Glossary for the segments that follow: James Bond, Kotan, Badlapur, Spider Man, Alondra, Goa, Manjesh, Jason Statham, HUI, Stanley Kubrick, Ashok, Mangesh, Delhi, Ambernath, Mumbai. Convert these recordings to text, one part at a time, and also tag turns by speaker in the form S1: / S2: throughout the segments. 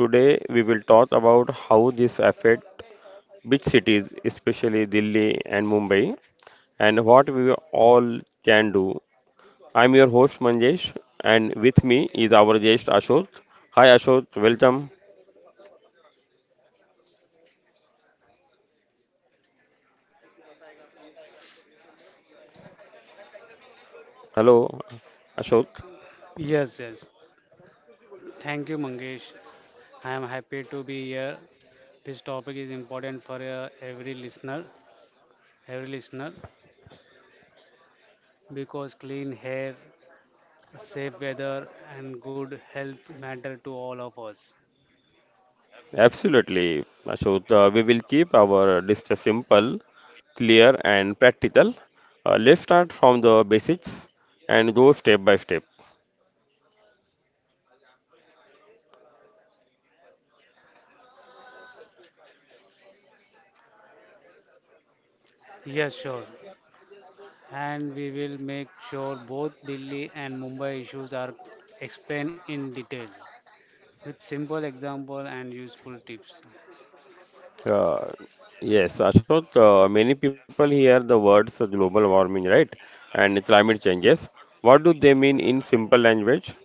S1: Today we will talk about how this affect big cities, especially Delhi and Mumbai, and what we all can do. I'm your host Manjesh, and with me is our guest Ashok. Hi Ashok, welcome. Hello Ashok.
S2: Yes, yes. Thank you, Mangesh. I am happy to be here. This topic is important for every listener, every listener, because clean hair, safe weather, and good health matter to all of us.
S1: Absolutely, Ashok. We will keep our discussion simple, clear, and practical. Let's start from the basics and go step by step.
S2: Yes, sure. And we will make sure both Delhi and Mumbai issues are explained in detail with simple example and useful tips.
S1: Uh, yes, Ashok, many people hear the words global warming, right? And climate changes. What do they mean in simple language?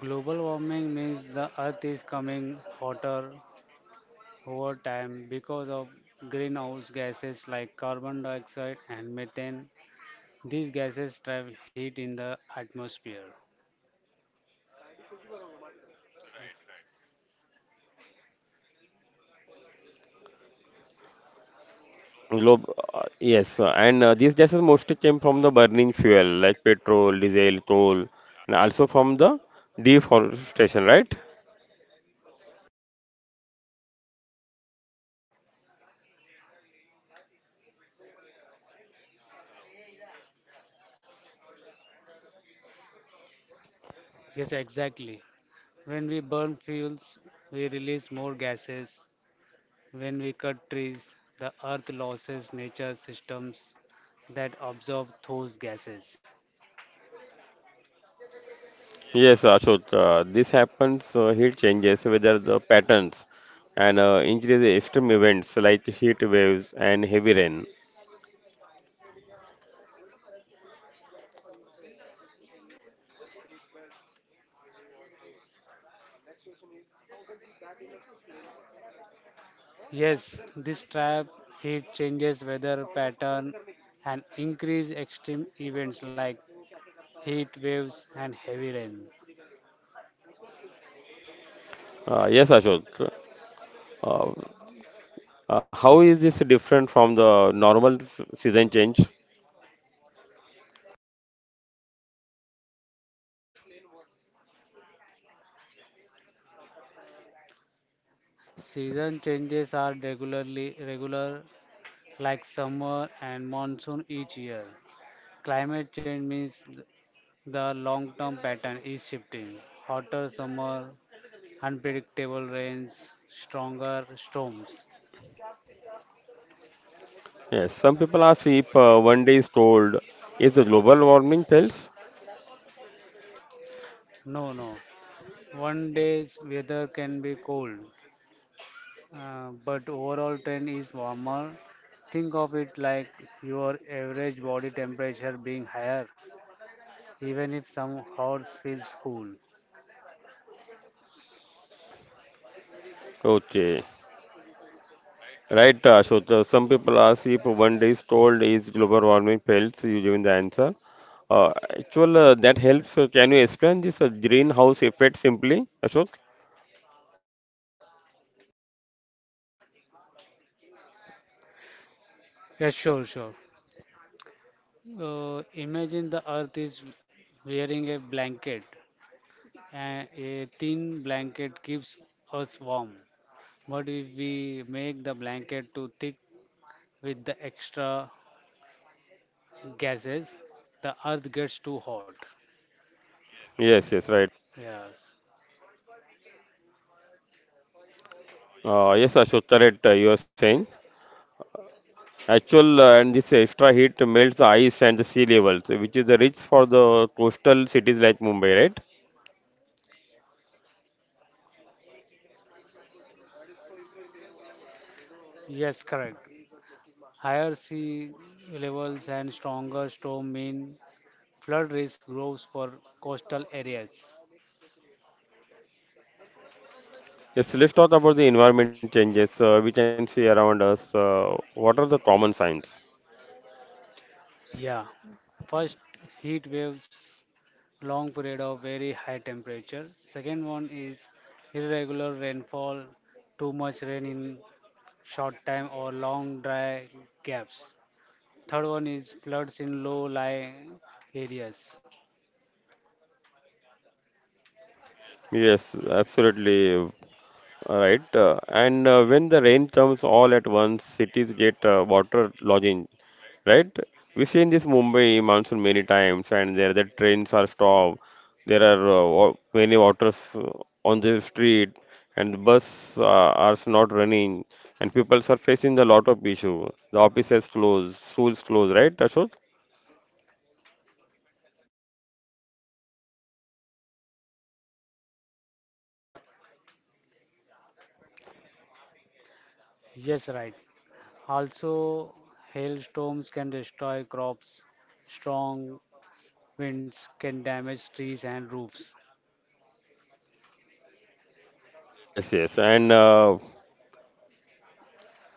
S2: Global warming means the earth is coming hotter, over time because of greenhouse gases like carbon dioxide and methane. These gases trap heat in the atmosphere.
S1: Globe, yes, and these gases mostly came from the burning fuel like petrol, diesel, coal, and also from the deforestation, right?
S2: Yes, exactly. When we burn fuels, we release more gases. When we cut trees, the earth loses nature systems that absorb those gases.
S1: Yes, Ashok, this happens, heat changes, whether the patterns and increase extreme events like heat waves and heavy rain.
S2: Yes, this trap heat changes weather pattern and increase extreme events like heat waves and heavy rain.
S1: Yes, Ashok. uh, how is this different from the normal season change?
S2: Season changes are regularly regular, like summer and monsoon each year. Climate change means the long-term pattern is shifting. Hotter summer, unpredictable rains, stronger storms.
S1: Yes, some people ask if one day is cold. Is the global warming fails?
S2: No, no. One day's weather can be cold, but overall trend is warmer. Think of it like your average body temperature being higher, even if some hours feels cool.
S1: Okay, right, so some people ask if one day is told, is global warming fails? You given the answer. Uh, actual, that helps. Can you explain this greenhouse effect simply, Ashok?
S2: Yes, sure, sure. Imagine the earth is wearing a blanket, and a thin blanket keeps us warm. But if we make the blanket too thick with the extra gases, the earth gets too hot.
S1: Yes, yes, right.
S2: Yes,
S1: Yes, Ashok, correct, you are saying. Actual and this extra heat melts the ice and the sea levels, which is the rich for the coastal cities like Mumbai, right?
S2: yes, correct. Higher sea levels and stronger storm mean flood risk grows for coastal areas.
S1: Yes, let's talk about the environment changes we can see around us. What are the common signs?
S2: Yeah, first heat waves long period of very high temperature. Second one is irregular rainfall, too much rain in short time or long dry gaps. Third one is floods in low-lying areas.
S1: Yes, absolutely right. And when the rain comes all at once, cities get water lodging, right? We see in this Mumbai monsoon many times, and there the trains are stopped. There are many waters on the street, and the bus are not running, and people are facing a lot of issue. The offices close, schools close, right, Ashok?
S2: Yes, right. Also, hailstorms can destroy crops. Strong winds can damage trees and roofs.
S1: Yes, yes, and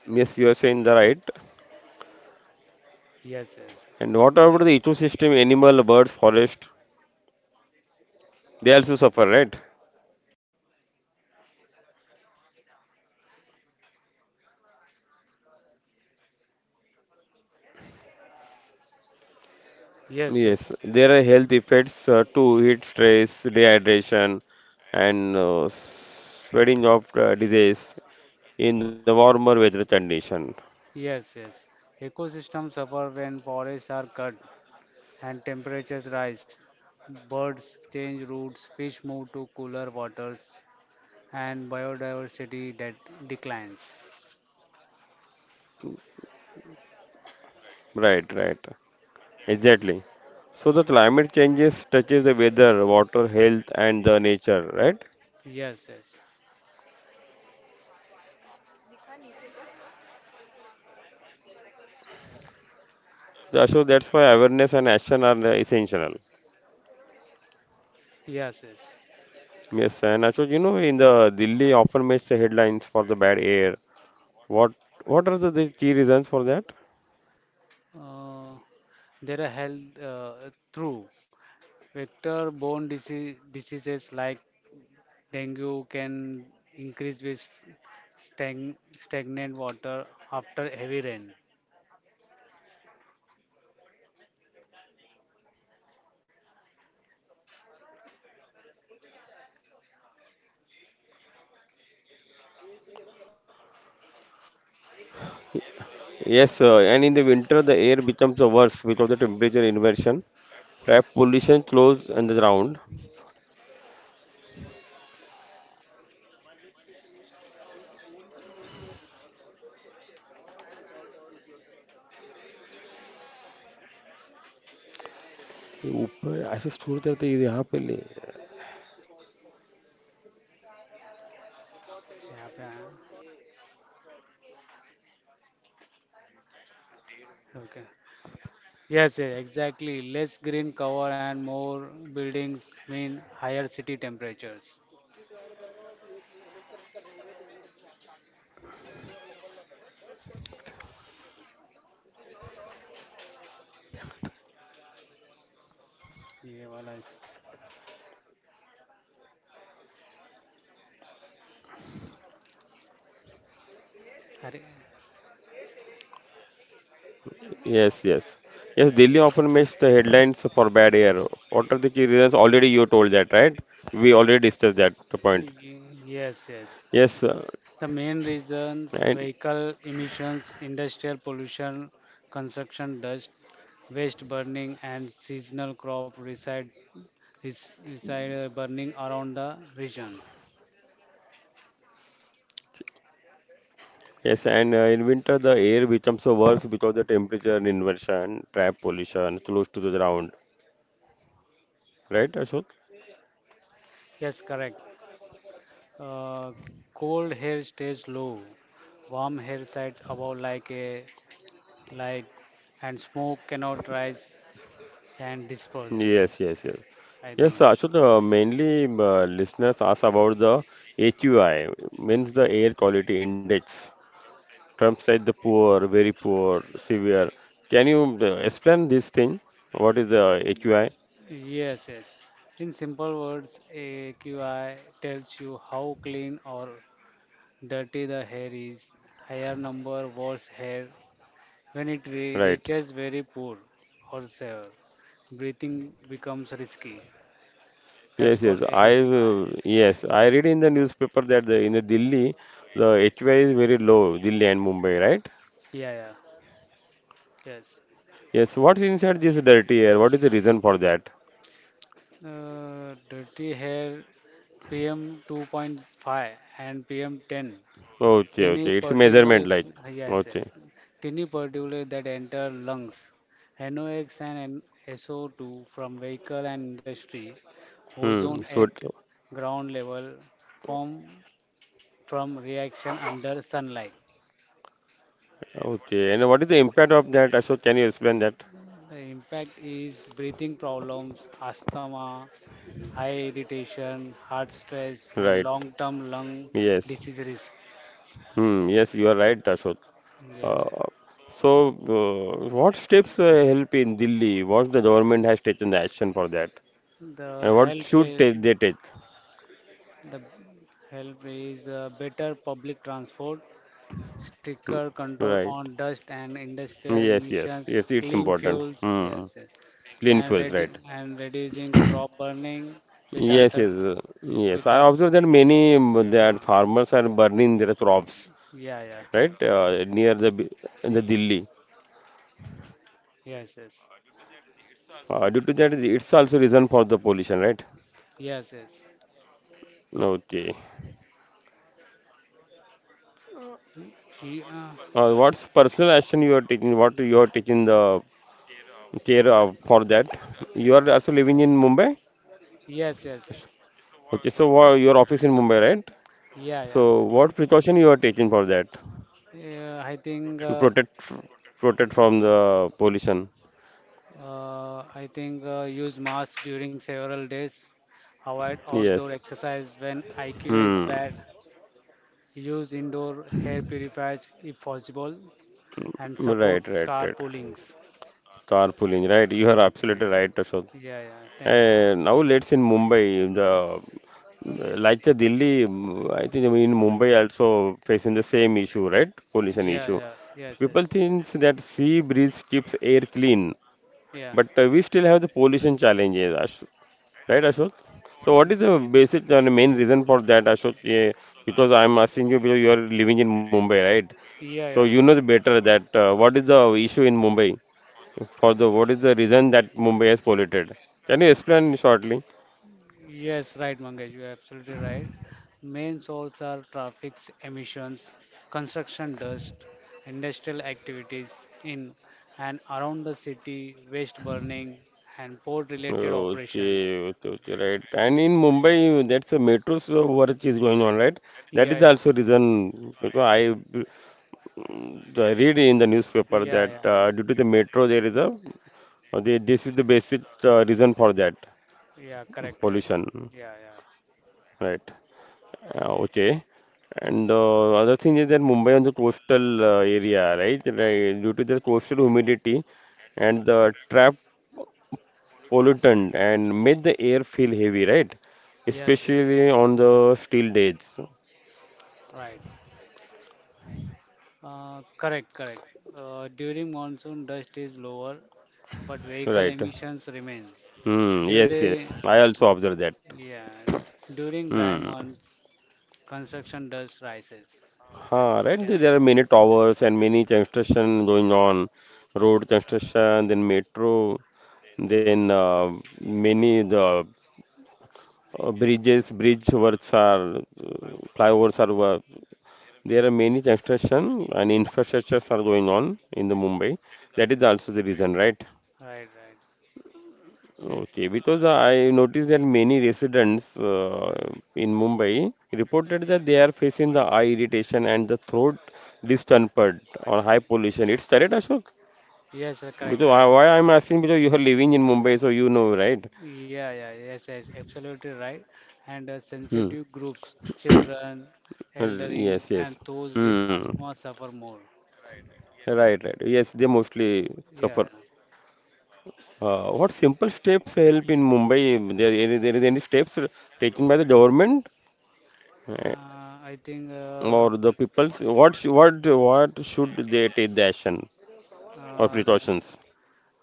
S1: yes, you are saying the right.
S2: Yes, yes.
S1: And what about the ecosystem, animal, birds, forest? They also suffer, right?
S2: Yes,
S1: Yes,
S2: yes.
S1: there are health effects too, heat stress, dehydration, and spreading of disease in the warmer weather condition.
S2: Yes, yes. Ecosystems suffer when forests are cut and temperatures rise. Birds change routes, fish move to cooler waters, and biodiversity that declines.
S1: Right, right, exactly. So the climate changes touches the weather, water, health, and the nature. Right.
S2: Yes, yes,
S1: Yeah, so that's why awareness and action are essential.
S2: yes, yes.
S1: Yes, and Ashok, in the Delhi often makes the headlines for the bad air. What what are the key reasons for that?
S2: Uh, there are health through vector-borne disease, diseases like dengue can increase with stag- stagnant water after heavy rain.
S1: Yes, sir. And in the winter, the air becomes worse because of the temperature inversion, trap pollution close underground. ये ऊपर ऐसे store करते हैं ये यहाँ पे ले
S2: Yeah, yeah. Okay. Yes, yes, exactly. Less green cover and more buildings mean higher city temperatures. ये वाला इस- अरे,
S1: Yes, yes. Yes, Delhi often makes the headlines for bad air. What are the key reasons? Already you told that, right? We already discussed that point.
S2: ये- Yes,
S1: Yes,
S2: yes. The main
S1: and
S2: reasons vehicle emissions, industrial pollution, construction dust, waste burning, and seasonal crop reside, reside burning around the region.
S1: yes, and in winter the air becomes worse because the temperature inversion, trap pollution close to the ground, right, Ashok?
S2: Yes, correct. Uh, Cold hair stays low, warm hair sides above like a light, and smoke cannot rise and disperse.
S1: Yes, yes, yes.
S2: I think
S1: Yes, Ashut, mainly listeners ask about the HUI, means the air quality index. Terms like the poor, very poor, severe. Can you explain this thing? What is the HUI?
S2: yes, yes, in simple words, AQI tells you how clean or dirty the hair is. Higher number worse hair. When it
S1: Right.
S2: reaches very poor or severe, breathing becomes risky. That's
S1: Yes,
S2: called
S1: yes. I
S2: AQI.
S1: yes, I read in the newspaper that the, in the Delhi the HUI is very low, Delhi and Mumbai, right?
S2: Yeah, yeah, yes.
S1: Yes. What's inside this dirty air? What is the reason for that?
S2: Dirty hair, pm 2.5 and pm 10.
S1: Okay,
S2: Tiny
S1: okay. It's a measurement,
S2: particulate,
S1: like
S2: yes,
S1: okay.
S2: yes. Tiny particulate that enter lungs, NOx and SO2 from vehicle and industry, ozone
S1: Hmm. So,
S2: at ground level form from reaction under sunlight.
S1: okay. And what is the impact of that, Ashok? Can you explain that?
S2: The impact is breathing problems, asthma, high irritation, heart stress,
S1: Right.
S2: and long-term lung
S1: Yes.
S2: disease risk.
S1: Hmm. Yes, you are right, Ashok.
S2: Yes, sir.
S1: Uh, so, what steps help in Delhi? What the government has taken the action for that,
S2: The
S1: and what
S2: health,
S1: should they take?
S2: the help is better public transport,
S1: Hmm.
S2: stricter control
S1: Right.
S2: on dust and industrial
S1: Yes. Yes. Yes.
S2: emissions,
S1: It's
S2: clean
S1: important.
S2: fuels,
S1: Hmm.
S2: yes, yes.
S1: Clean
S2: and
S1: fuels.
S2: redu-
S1: Right.
S2: and reducing crop burning with
S1: Yes,
S2: alter
S1: yes, yes.
S2: with
S1: I observe that many that farmers are burning their crops,
S2: yeah, yeah,
S1: right, near the Delhi.
S2: yes, yes,
S1: Due to that, it's also reason for the pollution, right?
S2: yes, yes.
S1: Okay.
S2: He- he, uh,
S1: What's personal action you are taking? What you are taking the care of for that? You are also living in Mumbai.
S2: yes, yes,
S1: Okay, so your office in Mumbai, right?
S2: yeah, yeah.
S1: So what precaution you are taking for that
S2: Yeah, I think
S1: to
S2: uh,
S1: protect from the pollution?
S2: I think use mask during several days. Avoid outdoor
S1: Yes.
S2: exercise when IQ is
S1: Hmm.
S2: bad. Use indoor hair purifiers if possible, and support
S1: Right, right, right.
S2: carpoolings.
S1: Carpooling, right? You are absolutely right.
S2: Yeah, yeah, yeah. Thank you.
S1: Now let's in Mumbai. The like the Delhi, I think in Mumbai also facing the same issue, right? Pollution
S2: Yeah,
S1: issue.
S2: yeah, yes,
S1: People
S2: yes,
S1: think that sea breeze keeps air clean,
S2: yeah.
S1: but we still have the pollution challenges, Ash right, Ashok? So what is the basic and main reason for that, Ashok? Yeah, because I'm asking you because you are living in Mumbai, right? So you
S2: Yeah,
S1: know the
S2: yeah.
S1: better that what is the issue in Mumbai for the what is the reason that Mumbai has polluted? Can you explain shortly?
S2: Yes, right, Mangesh, you're absolutely right. Main sources are traffic emissions, construction dust, industrial activities in and around the city, waste burning, and port-related operations.
S1: Okay, okay, okay, right. And in Mumbai, that's a metro's work is going on, right? That is
S2: Yeah, yeah,
S1: also reason because I read in the newspaper
S2: yeah, yeah,
S1: that
S2: yeah,
S1: due to the metro there is a this is the basic reason for that
S2: yeah, correct, correct.
S1: pollution,
S2: Yeah, yeah.
S1: right? Okay. And the other thing is that Mumbai on the coastal area, right? Right, due to the coastal humidity and the trap pollutant and made the air feel heavy, right?
S2: Yes, yes,
S1: Especially on the still days,
S2: right. Correct, correct. During monsoon, dust is lower, but vehicle
S1: right?
S2: emissions remain.
S1: Hmm. Yes,
S2: During,
S1: yes. I also observed that.
S2: yeah, during dry
S1: Hmm.
S2: months, construction dust rises.
S1: Huh, right.
S2: Yeah.
S1: There are many towers and many construction going on, road construction, then metro, then many the bridges, bridge works are, flyovers are. There are many construction and infrastructures are going on in the Mumbai. That is
S2: Yes.
S1: also the reason, right?
S2: Right, right. Yes.
S1: Okay, because I noticed that many residents in Mumbai reported that they are facing the eye irritation and the throat discomfort on high pollution. It's correct, Ashok?
S2: Yes, correct, correct.
S1: Why I'm asking because you are living in Mumbai, so you know, right?
S2: Yeah, yeah, yes, yes, absolutely right. And
S1: Hmm.
S2: sensitive groups, children,
S1: Uh,
S2: eldering,
S1: Yes,
S2: and
S1: yes.
S2: those with
S1: Hmm.
S2: asthma suffer more.
S1: Right, right. Yes, they mostly suffer.
S2: Yeah.
S1: What simple steps help in Mumbai? There is any steps taken by the government? Uh,
S2: Uh, I think uh,
S1: or the people's what what should they take the action or
S2: uh,
S1: precautions?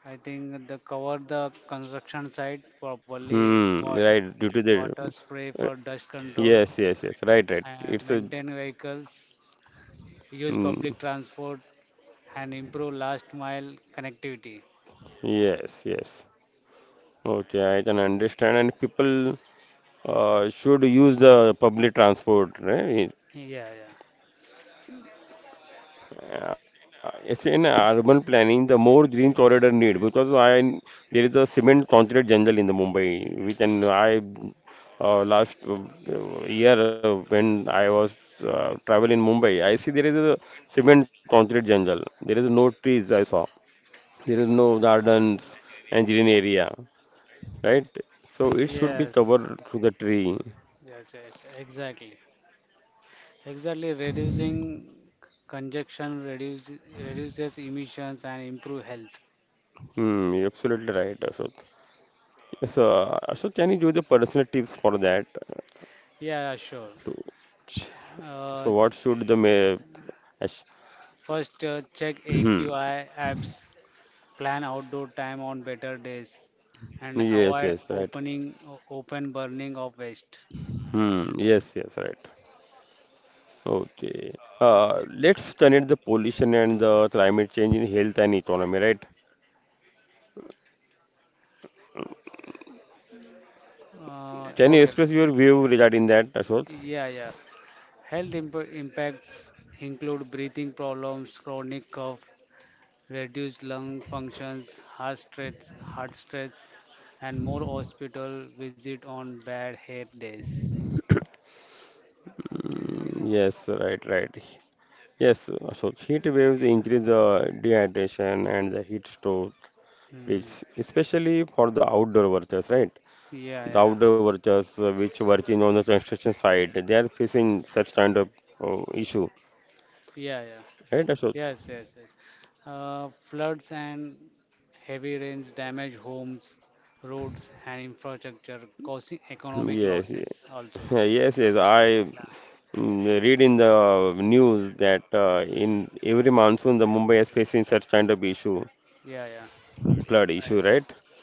S2: I think they cover the construction site properly,
S1: Right, due to the
S2: water spray
S1: uh,
S2: for dust control,
S1: yes, yes, yes, right, right, it's a
S2: maintain vehicles, use
S1: hmm,
S2: public transport, and improve last mile connectivity.
S1: yes, yes. Okay, I can understand, and people should use the public transport, right?
S2: Yeah, yeah.
S1: It's in urban planning, the more green corridor need because I there is a cement concrete jungle in the Mumbai, which and I last year when I was travel in Mumbai, I see there is a cement concrete jungle. There is no trees I saw. There is no gardens and green area, right? So it should be
S2: Yes,
S1: covered through the tree.
S2: yes, yes, exactly. Exactly, reducing congestion reduces emissions and improve health.
S1: Hmm, you're absolutely right, Ashok. So, Ashok, can you give the personal tips for that? uh,
S2: Yeah, yeah, sure.
S1: to-
S2: Uh,
S1: So what should the ash-
S2: first, check
S1: hmm.
S2: AQI apps. Plan outdoor time on better days and
S1: Yes,
S2: avoid
S1: yes, right.
S2: open burning of waste.
S1: Hmm. Yes, yes, right. Okay. Let's connect the pollution and the climate change in health and economy, right? Can you
S2: Okay.
S1: express your view regarding that, Ashok?
S2: Yeah, yeah. Health impacts include breathing problems, chronic cough, reduced lung functions, heart stress, and more hospital visit on bad hair days.
S1: Mm, yes, right, right. Yes, Ashok. Heat waves
S2: Yeah.
S1: increase the dehydration and the heat stroke, which
S2: Hmm.
S1: especially for the outdoor workers, right?
S2: Yeah,
S1: The
S2: yeah.
S1: outdoor workers which working on the construction site, they are facing such kind of issue.
S2: Yeah, yeah.
S1: Right, Ashok?
S2: Yes, yes, yes. Floods and heavy rains damage homes, roads, and infrastructure, causing economic
S1: Yes,
S2: losses also.
S1: yes, yes. I
S2: Yeah,
S1: mm, read in the news that in every monsoon, the Mumbai is facing such kind of issue,
S2: yeah, yeah.
S1: flood
S2: Right.
S1: issue, right?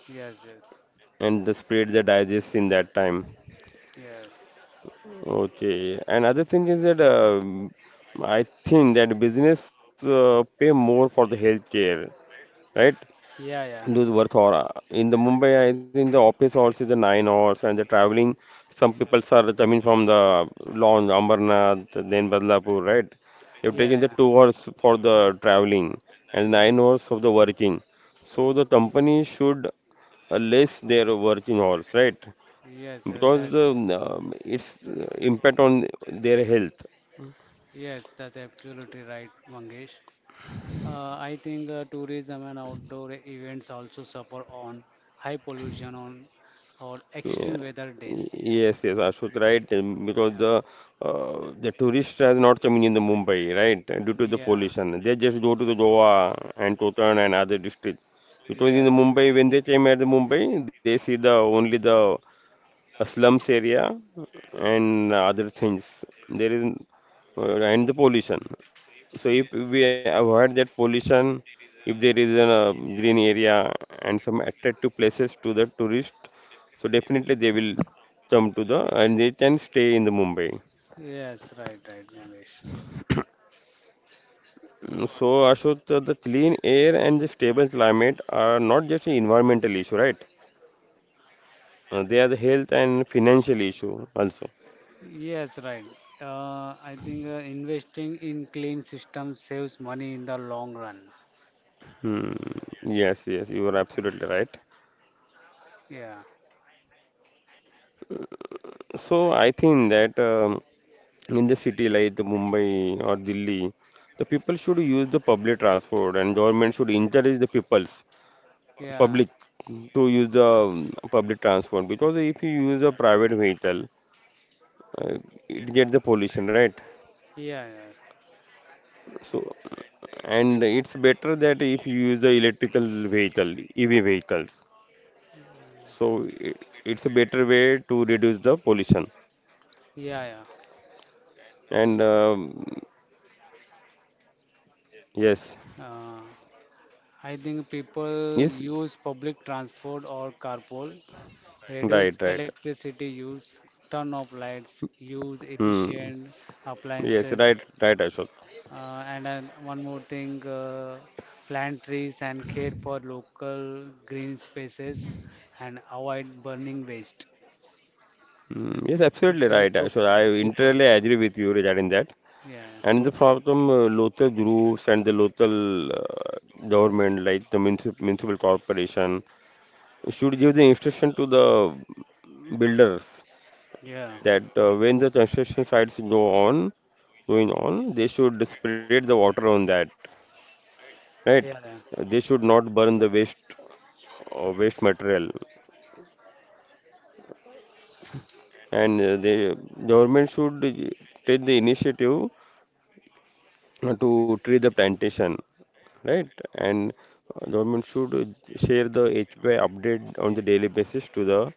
S2: yes, yes,
S1: And the spread that digests in that time.
S2: yes.
S1: Okay. And other thing is that I think that business pay more for the healthcare, right?
S2: Yeah,
S1: Lose
S2: yeah,
S1: worth or in the Mumbai, I think the office hours is the 9 hours and the traveling. Some people are coming from the launch Ambernath, then Badlapur, right? They've
S2: yeah,
S1: taken the
S2: yeah.
S1: 2 hours for the traveling and
S2: Y-
S1: 9 hours of the working. So the company should less their working hours, right?
S2: yes, yes, that,
S1: Because it's impact on their health.
S2: yes, that's absolutely right, Mangesh. I think tourism and outdoor events also suffer on high pollution on or extreme
S1: Yeah.
S2: weather days.
S1: Yes, yes, Ashut, right? Because
S2: Yeah,
S1: the the tourist has not coming in the Mumbai, right? Due to the
S2: yeah,
S1: pollution, they just go to the Goa and Kotan and other district. Because
S2: yeah.
S1: in the Mumbai, when they came at the Mumbai, they see the only the a slums area and other things. There is and the pollution. So if we avoid that pollution, if there is a green area and some attractive places to the tourist, so definitely they will come to the and they can stay in the Mumbai.
S2: Yes, right, right, Nagesh.
S1: Mm, so Ashok, the clean air and the stable climate are not just an environmental issue, right? They are the health and financial issue also.
S2: Yes, right. I think investing in clean systems saves money in the long run.
S1: Hmm. Yes, yes, you are
S2: Yes.
S1: absolutely right.
S2: Yeah,
S1: So I think that In the city like the Mumbai or Delhi, the people should use the public transport and government should encourage the peoples,
S2: yeah,
S1: public to use the public transport because if you use a private vehicle, uh, it gets the pollution, right?
S2: yeah, yeah,
S1: So and it's better that if you use the electrical vehicle, EV vehicles. So it's a better way to reduce the pollution.
S2: yeah,
S1: And Yes,
S2: yeah. I think people
S1: yes.
S2: use public transport or carpool, reduce
S1: Right, right.
S2: electricity use, turn off lights, use
S1: Hmm.
S2: efficient
S1: Yes,
S2: appliances.
S1: right, right, Ashok.
S2: And then one more thing, plant trees and care for local green spaces and avoid burning waste.
S1: Hmm. Yes,
S2: It's
S1: absolutely
S2: help
S1: right,
S2: to
S1: Ashok. I
S2: people.
S1: entirely agree with you regarding that.
S2: Yeah,
S1: And the problem, local groups and the local government, like the municipal corporation, should give the instruction to the builders
S2: yeah,
S1: that when the construction sites going on, they should spread the water on that, right?
S2: yeah, yeah.
S1: They should not burn the waste material, and the government should take the initiative to tree the plantation, right. And government should share the HUI update on the daily basis to the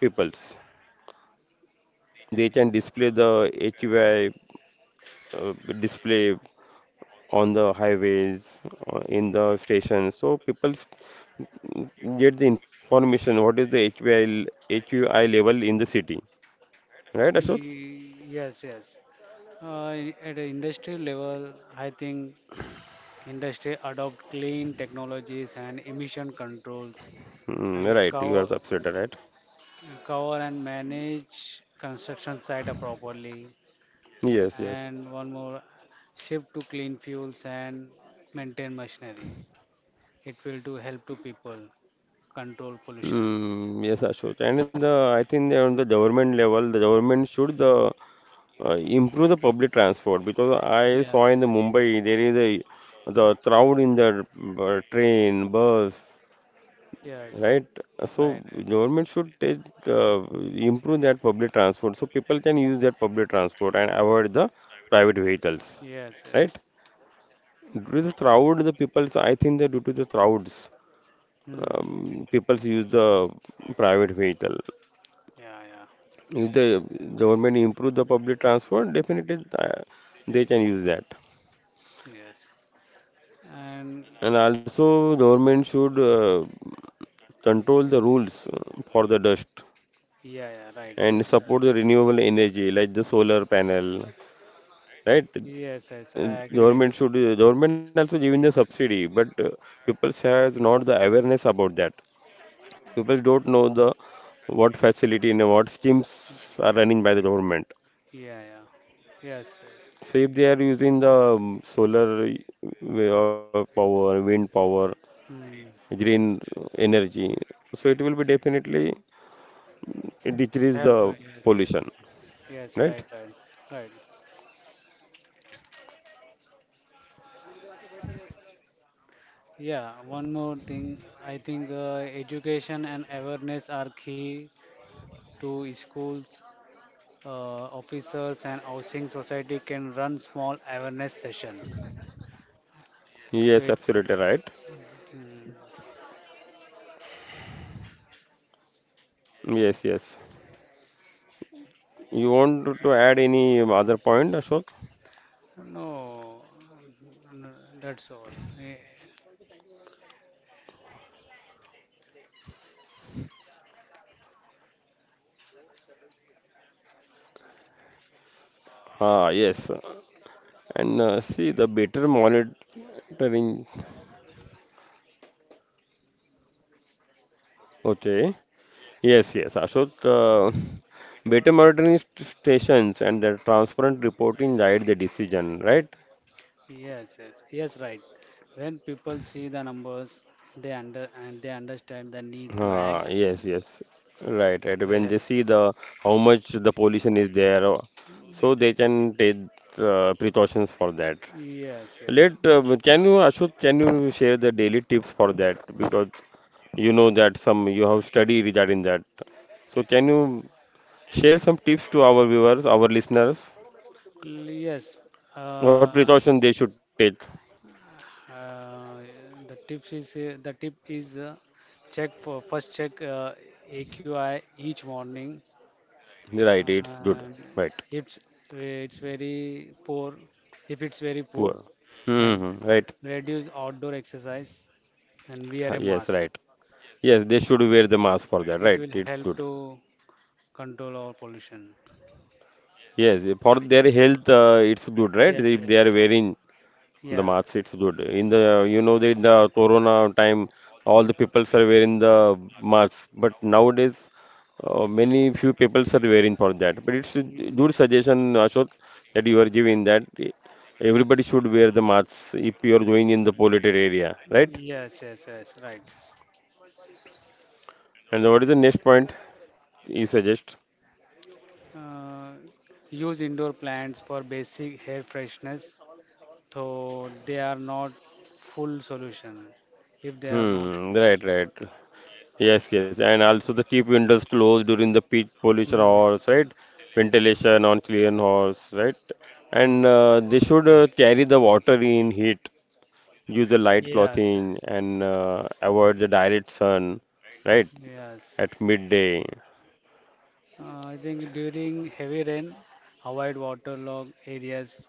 S1: peoples. They can display the HUI, uh, display on the highways, in the stations, so people get the information what is the HVI level in the city, right, Ashok?
S2: Y- yes, yes. At an industry level, I think industry adopt clean technologies and emission controls
S1: Hmm,
S2: and
S1: right, you
S2: cover,
S1: are absolutely right.
S2: cover and manage construction site properly
S1: Yes, yes.
S2: and one more shift to clean fuels and maintain machinery. It will do help to people control pollution.
S1: Mm, yes, Ashok. And the, I think that on the government level, the government should improve the public transport because I saw
S2: Yes,
S1: in
S2: yes,
S1: the Mumbai there is a the crowd in the train, bus,
S2: yes,
S1: right? So
S2: right, right.
S1: government should take, improve that public transport, so people can use that public transport and avoid the private vehicles,
S2: Yes,
S1: right?
S2: yes.
S1: Due to the crowd, the people, I think that due to the crowds,
S2: Hmm.
S1: people use the private vehicle.
S2: Yeah, yeah,
S1: If the government improve the public transport, definitely they can use that.
S2: yes. And
S1: And also, government should control the rules for the dust
S2: yeah, yeah, right,
S1: and support
S2: absolutely.
S1: the renewable energy like the solar panel, right?
S2: Yes, yes, I agree with
S1: Government
S2: you.
S1: should government also giving the subsidy, but people has not the awareness about that. People don't know the what facility and what schemes are running by the government.
S2: Yeah, yeah. Yes, yes.
S1: So if they are using the solar way of power, wind power,
S2: Hmm.
S1: green energy, so it will be definitely decrease the
S2: Yes, yes.
S1: pollution,
S2: Yes,
S1: right?
S2: right, right, right. Yeah, one more thing. I think education and awareness are key to schools, officers, and housing society can run small awareness session. So
S1: Yes,
S2: it,
S1: absolutely right.
S2: mm,
S1: Yes, yes. You want to add any other point, Ashok?
S2: no, no, that's all. Eh,
S1: Ah, yes. And see the better monitoring. Okay. Yes, yes, Ashok. Better monitoring stations and the transparent reporting guide the decision, right?
S2: yes, yes, yes, right. When people see the numbers, they understand the need to act
S1: Yes, yes. Right,
S2: to
S1: right. When
S2: help.
S1: they see the how much the pollution is there, so they can take precautions for that.
S2: Yes, yes,
S1: Let can you Ashut, can you share the daily tips for that? Because you know that some you have study regarding that. So can you share some tips to our viewers, our listeners,
S2: L- yes.
S1: what
S2: Uh,
S1: precaution they should take?
S2: Uh, the tip is check for first check AQI each morning
S1: Right, it's good.
S2: and
S1: Right,
S2: if it's very poor if it's very poor
S1: poor. Hmm, hmm,
S2: and
S1: hmm. Right.
S2: reduce outdoor exercise and wear a
S1: Yes,
S2: mask.
S1: right. Yes, they should wear the mask for that.
S2: It
S1: Right,
S2: will
S1: it's
S2: help
S1: good.
S2: to control our pollution.
S1: Yes, for their health, it's good, right?
S2: Yes,
S1: If
S2: yes,
S1: they are wearing the
S2: yeah.
S1: mask, it's good. In the, you know, the, in the corona time, all the peoples are wearing the masks. But nowadays, many few peoples are wearing for that. But it's a
S2: Mm.
S1: good suggestion, Ashok, that you are giving that everybody should wear the masks if you are going in the polluted area, right?
S2: Yes, yes, yes, right.
S1: And what is the next point you suggest?
S2: Uh, Use indoor plants for basic hair freshness, though they are not full solution if they are not
S1: Hmm,
S2: produced.
S1: right, right. Yes, yes, and also the tip windows closed during the peak
S2: Mm.
S1: pollution
S2: Mm.
S1: hours, right? Ventilation on clean hours, right?
S2: Mm.
S1: And they should carry the water in heat, use the light
S2: Yes,
S1: clothing,
S2: yes,
S1: and avoid the direct sun, right?
S2: yes.
S1: At midday.
S2: I think during heavy rain, avoid waterlogged areas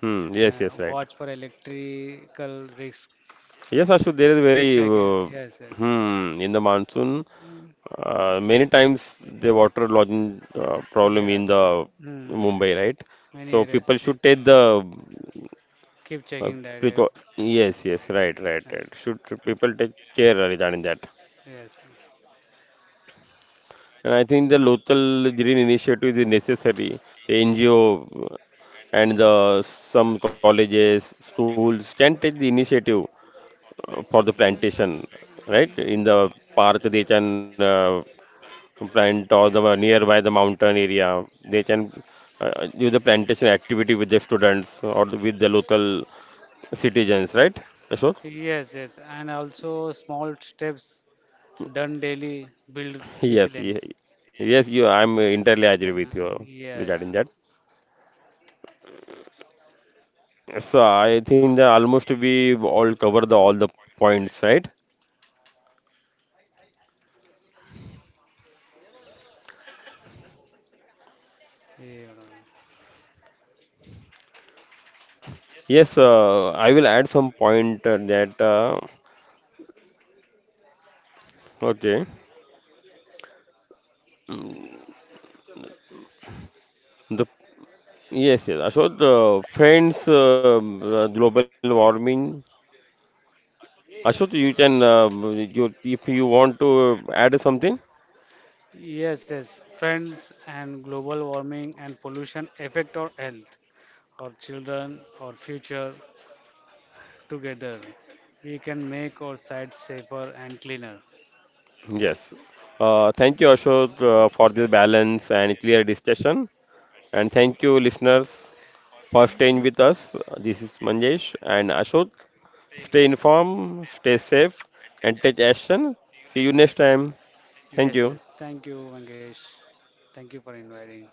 S1: Hmm. Yes, yes,
S2: and
S1: right.
S2: watch for electrical risk.
S1: Yes, Ashu, there is
S2: Keep
S1: very
S2: checking. Yes, yes.
S1: hmm in the monsoon.
S2: Mm,
S1: Many times the water lodging problem
S2: yes.
S1: in the
S2: Mm,
S1: Mumbai, right?
S2: many
S1: So
S2: areas.
S1: people should take the.
S2: Keep
S1: Uh,
S2: checking that.
S1: because
S2: Uh,
S1: yes, yes, right, right,
S2: yes.
S1: right. Should people take care regarding that?
S2: Yes,
S1: And I think the local green initiative is necessary. The NGO and the some colleges, schools can take the initiative for the plantation, right? In the park, they can plant or the nearby the mountain area. They can do the plantation activity with the students or with the local citizens, right?
S2: yes, yes. And also small steps done daily build
S1: Yes,
S2: resilience.
S1: ye- yes, you. I'm entirely agree with
S2: Yeah,
S1: you
S2: yeah, yeah.
S1: regarding that. So I think that almost we all cover the all the points, right?
S2: Yeah.
S1: Yes, I will add some point that okay. Mm, the yes, yes. Ashok, the friends, global warming. Ashok, you can you if you want to add something.
S2: Yes, yes. Friends and global warming and pollution affect our health, our children, our future together. We can make our site safer and cleaner.
S1: Yes. Thank you, Ashok, for this balance and clear discussion. And thank you, listeners, for staying with us. This is Manjesh and Ashok. Stay informed, stay safe, and take action. See you next time. Thank
S2: Yes,
S1: you.
S2: yes. Thank you, Mangesh. Thank you for inviting.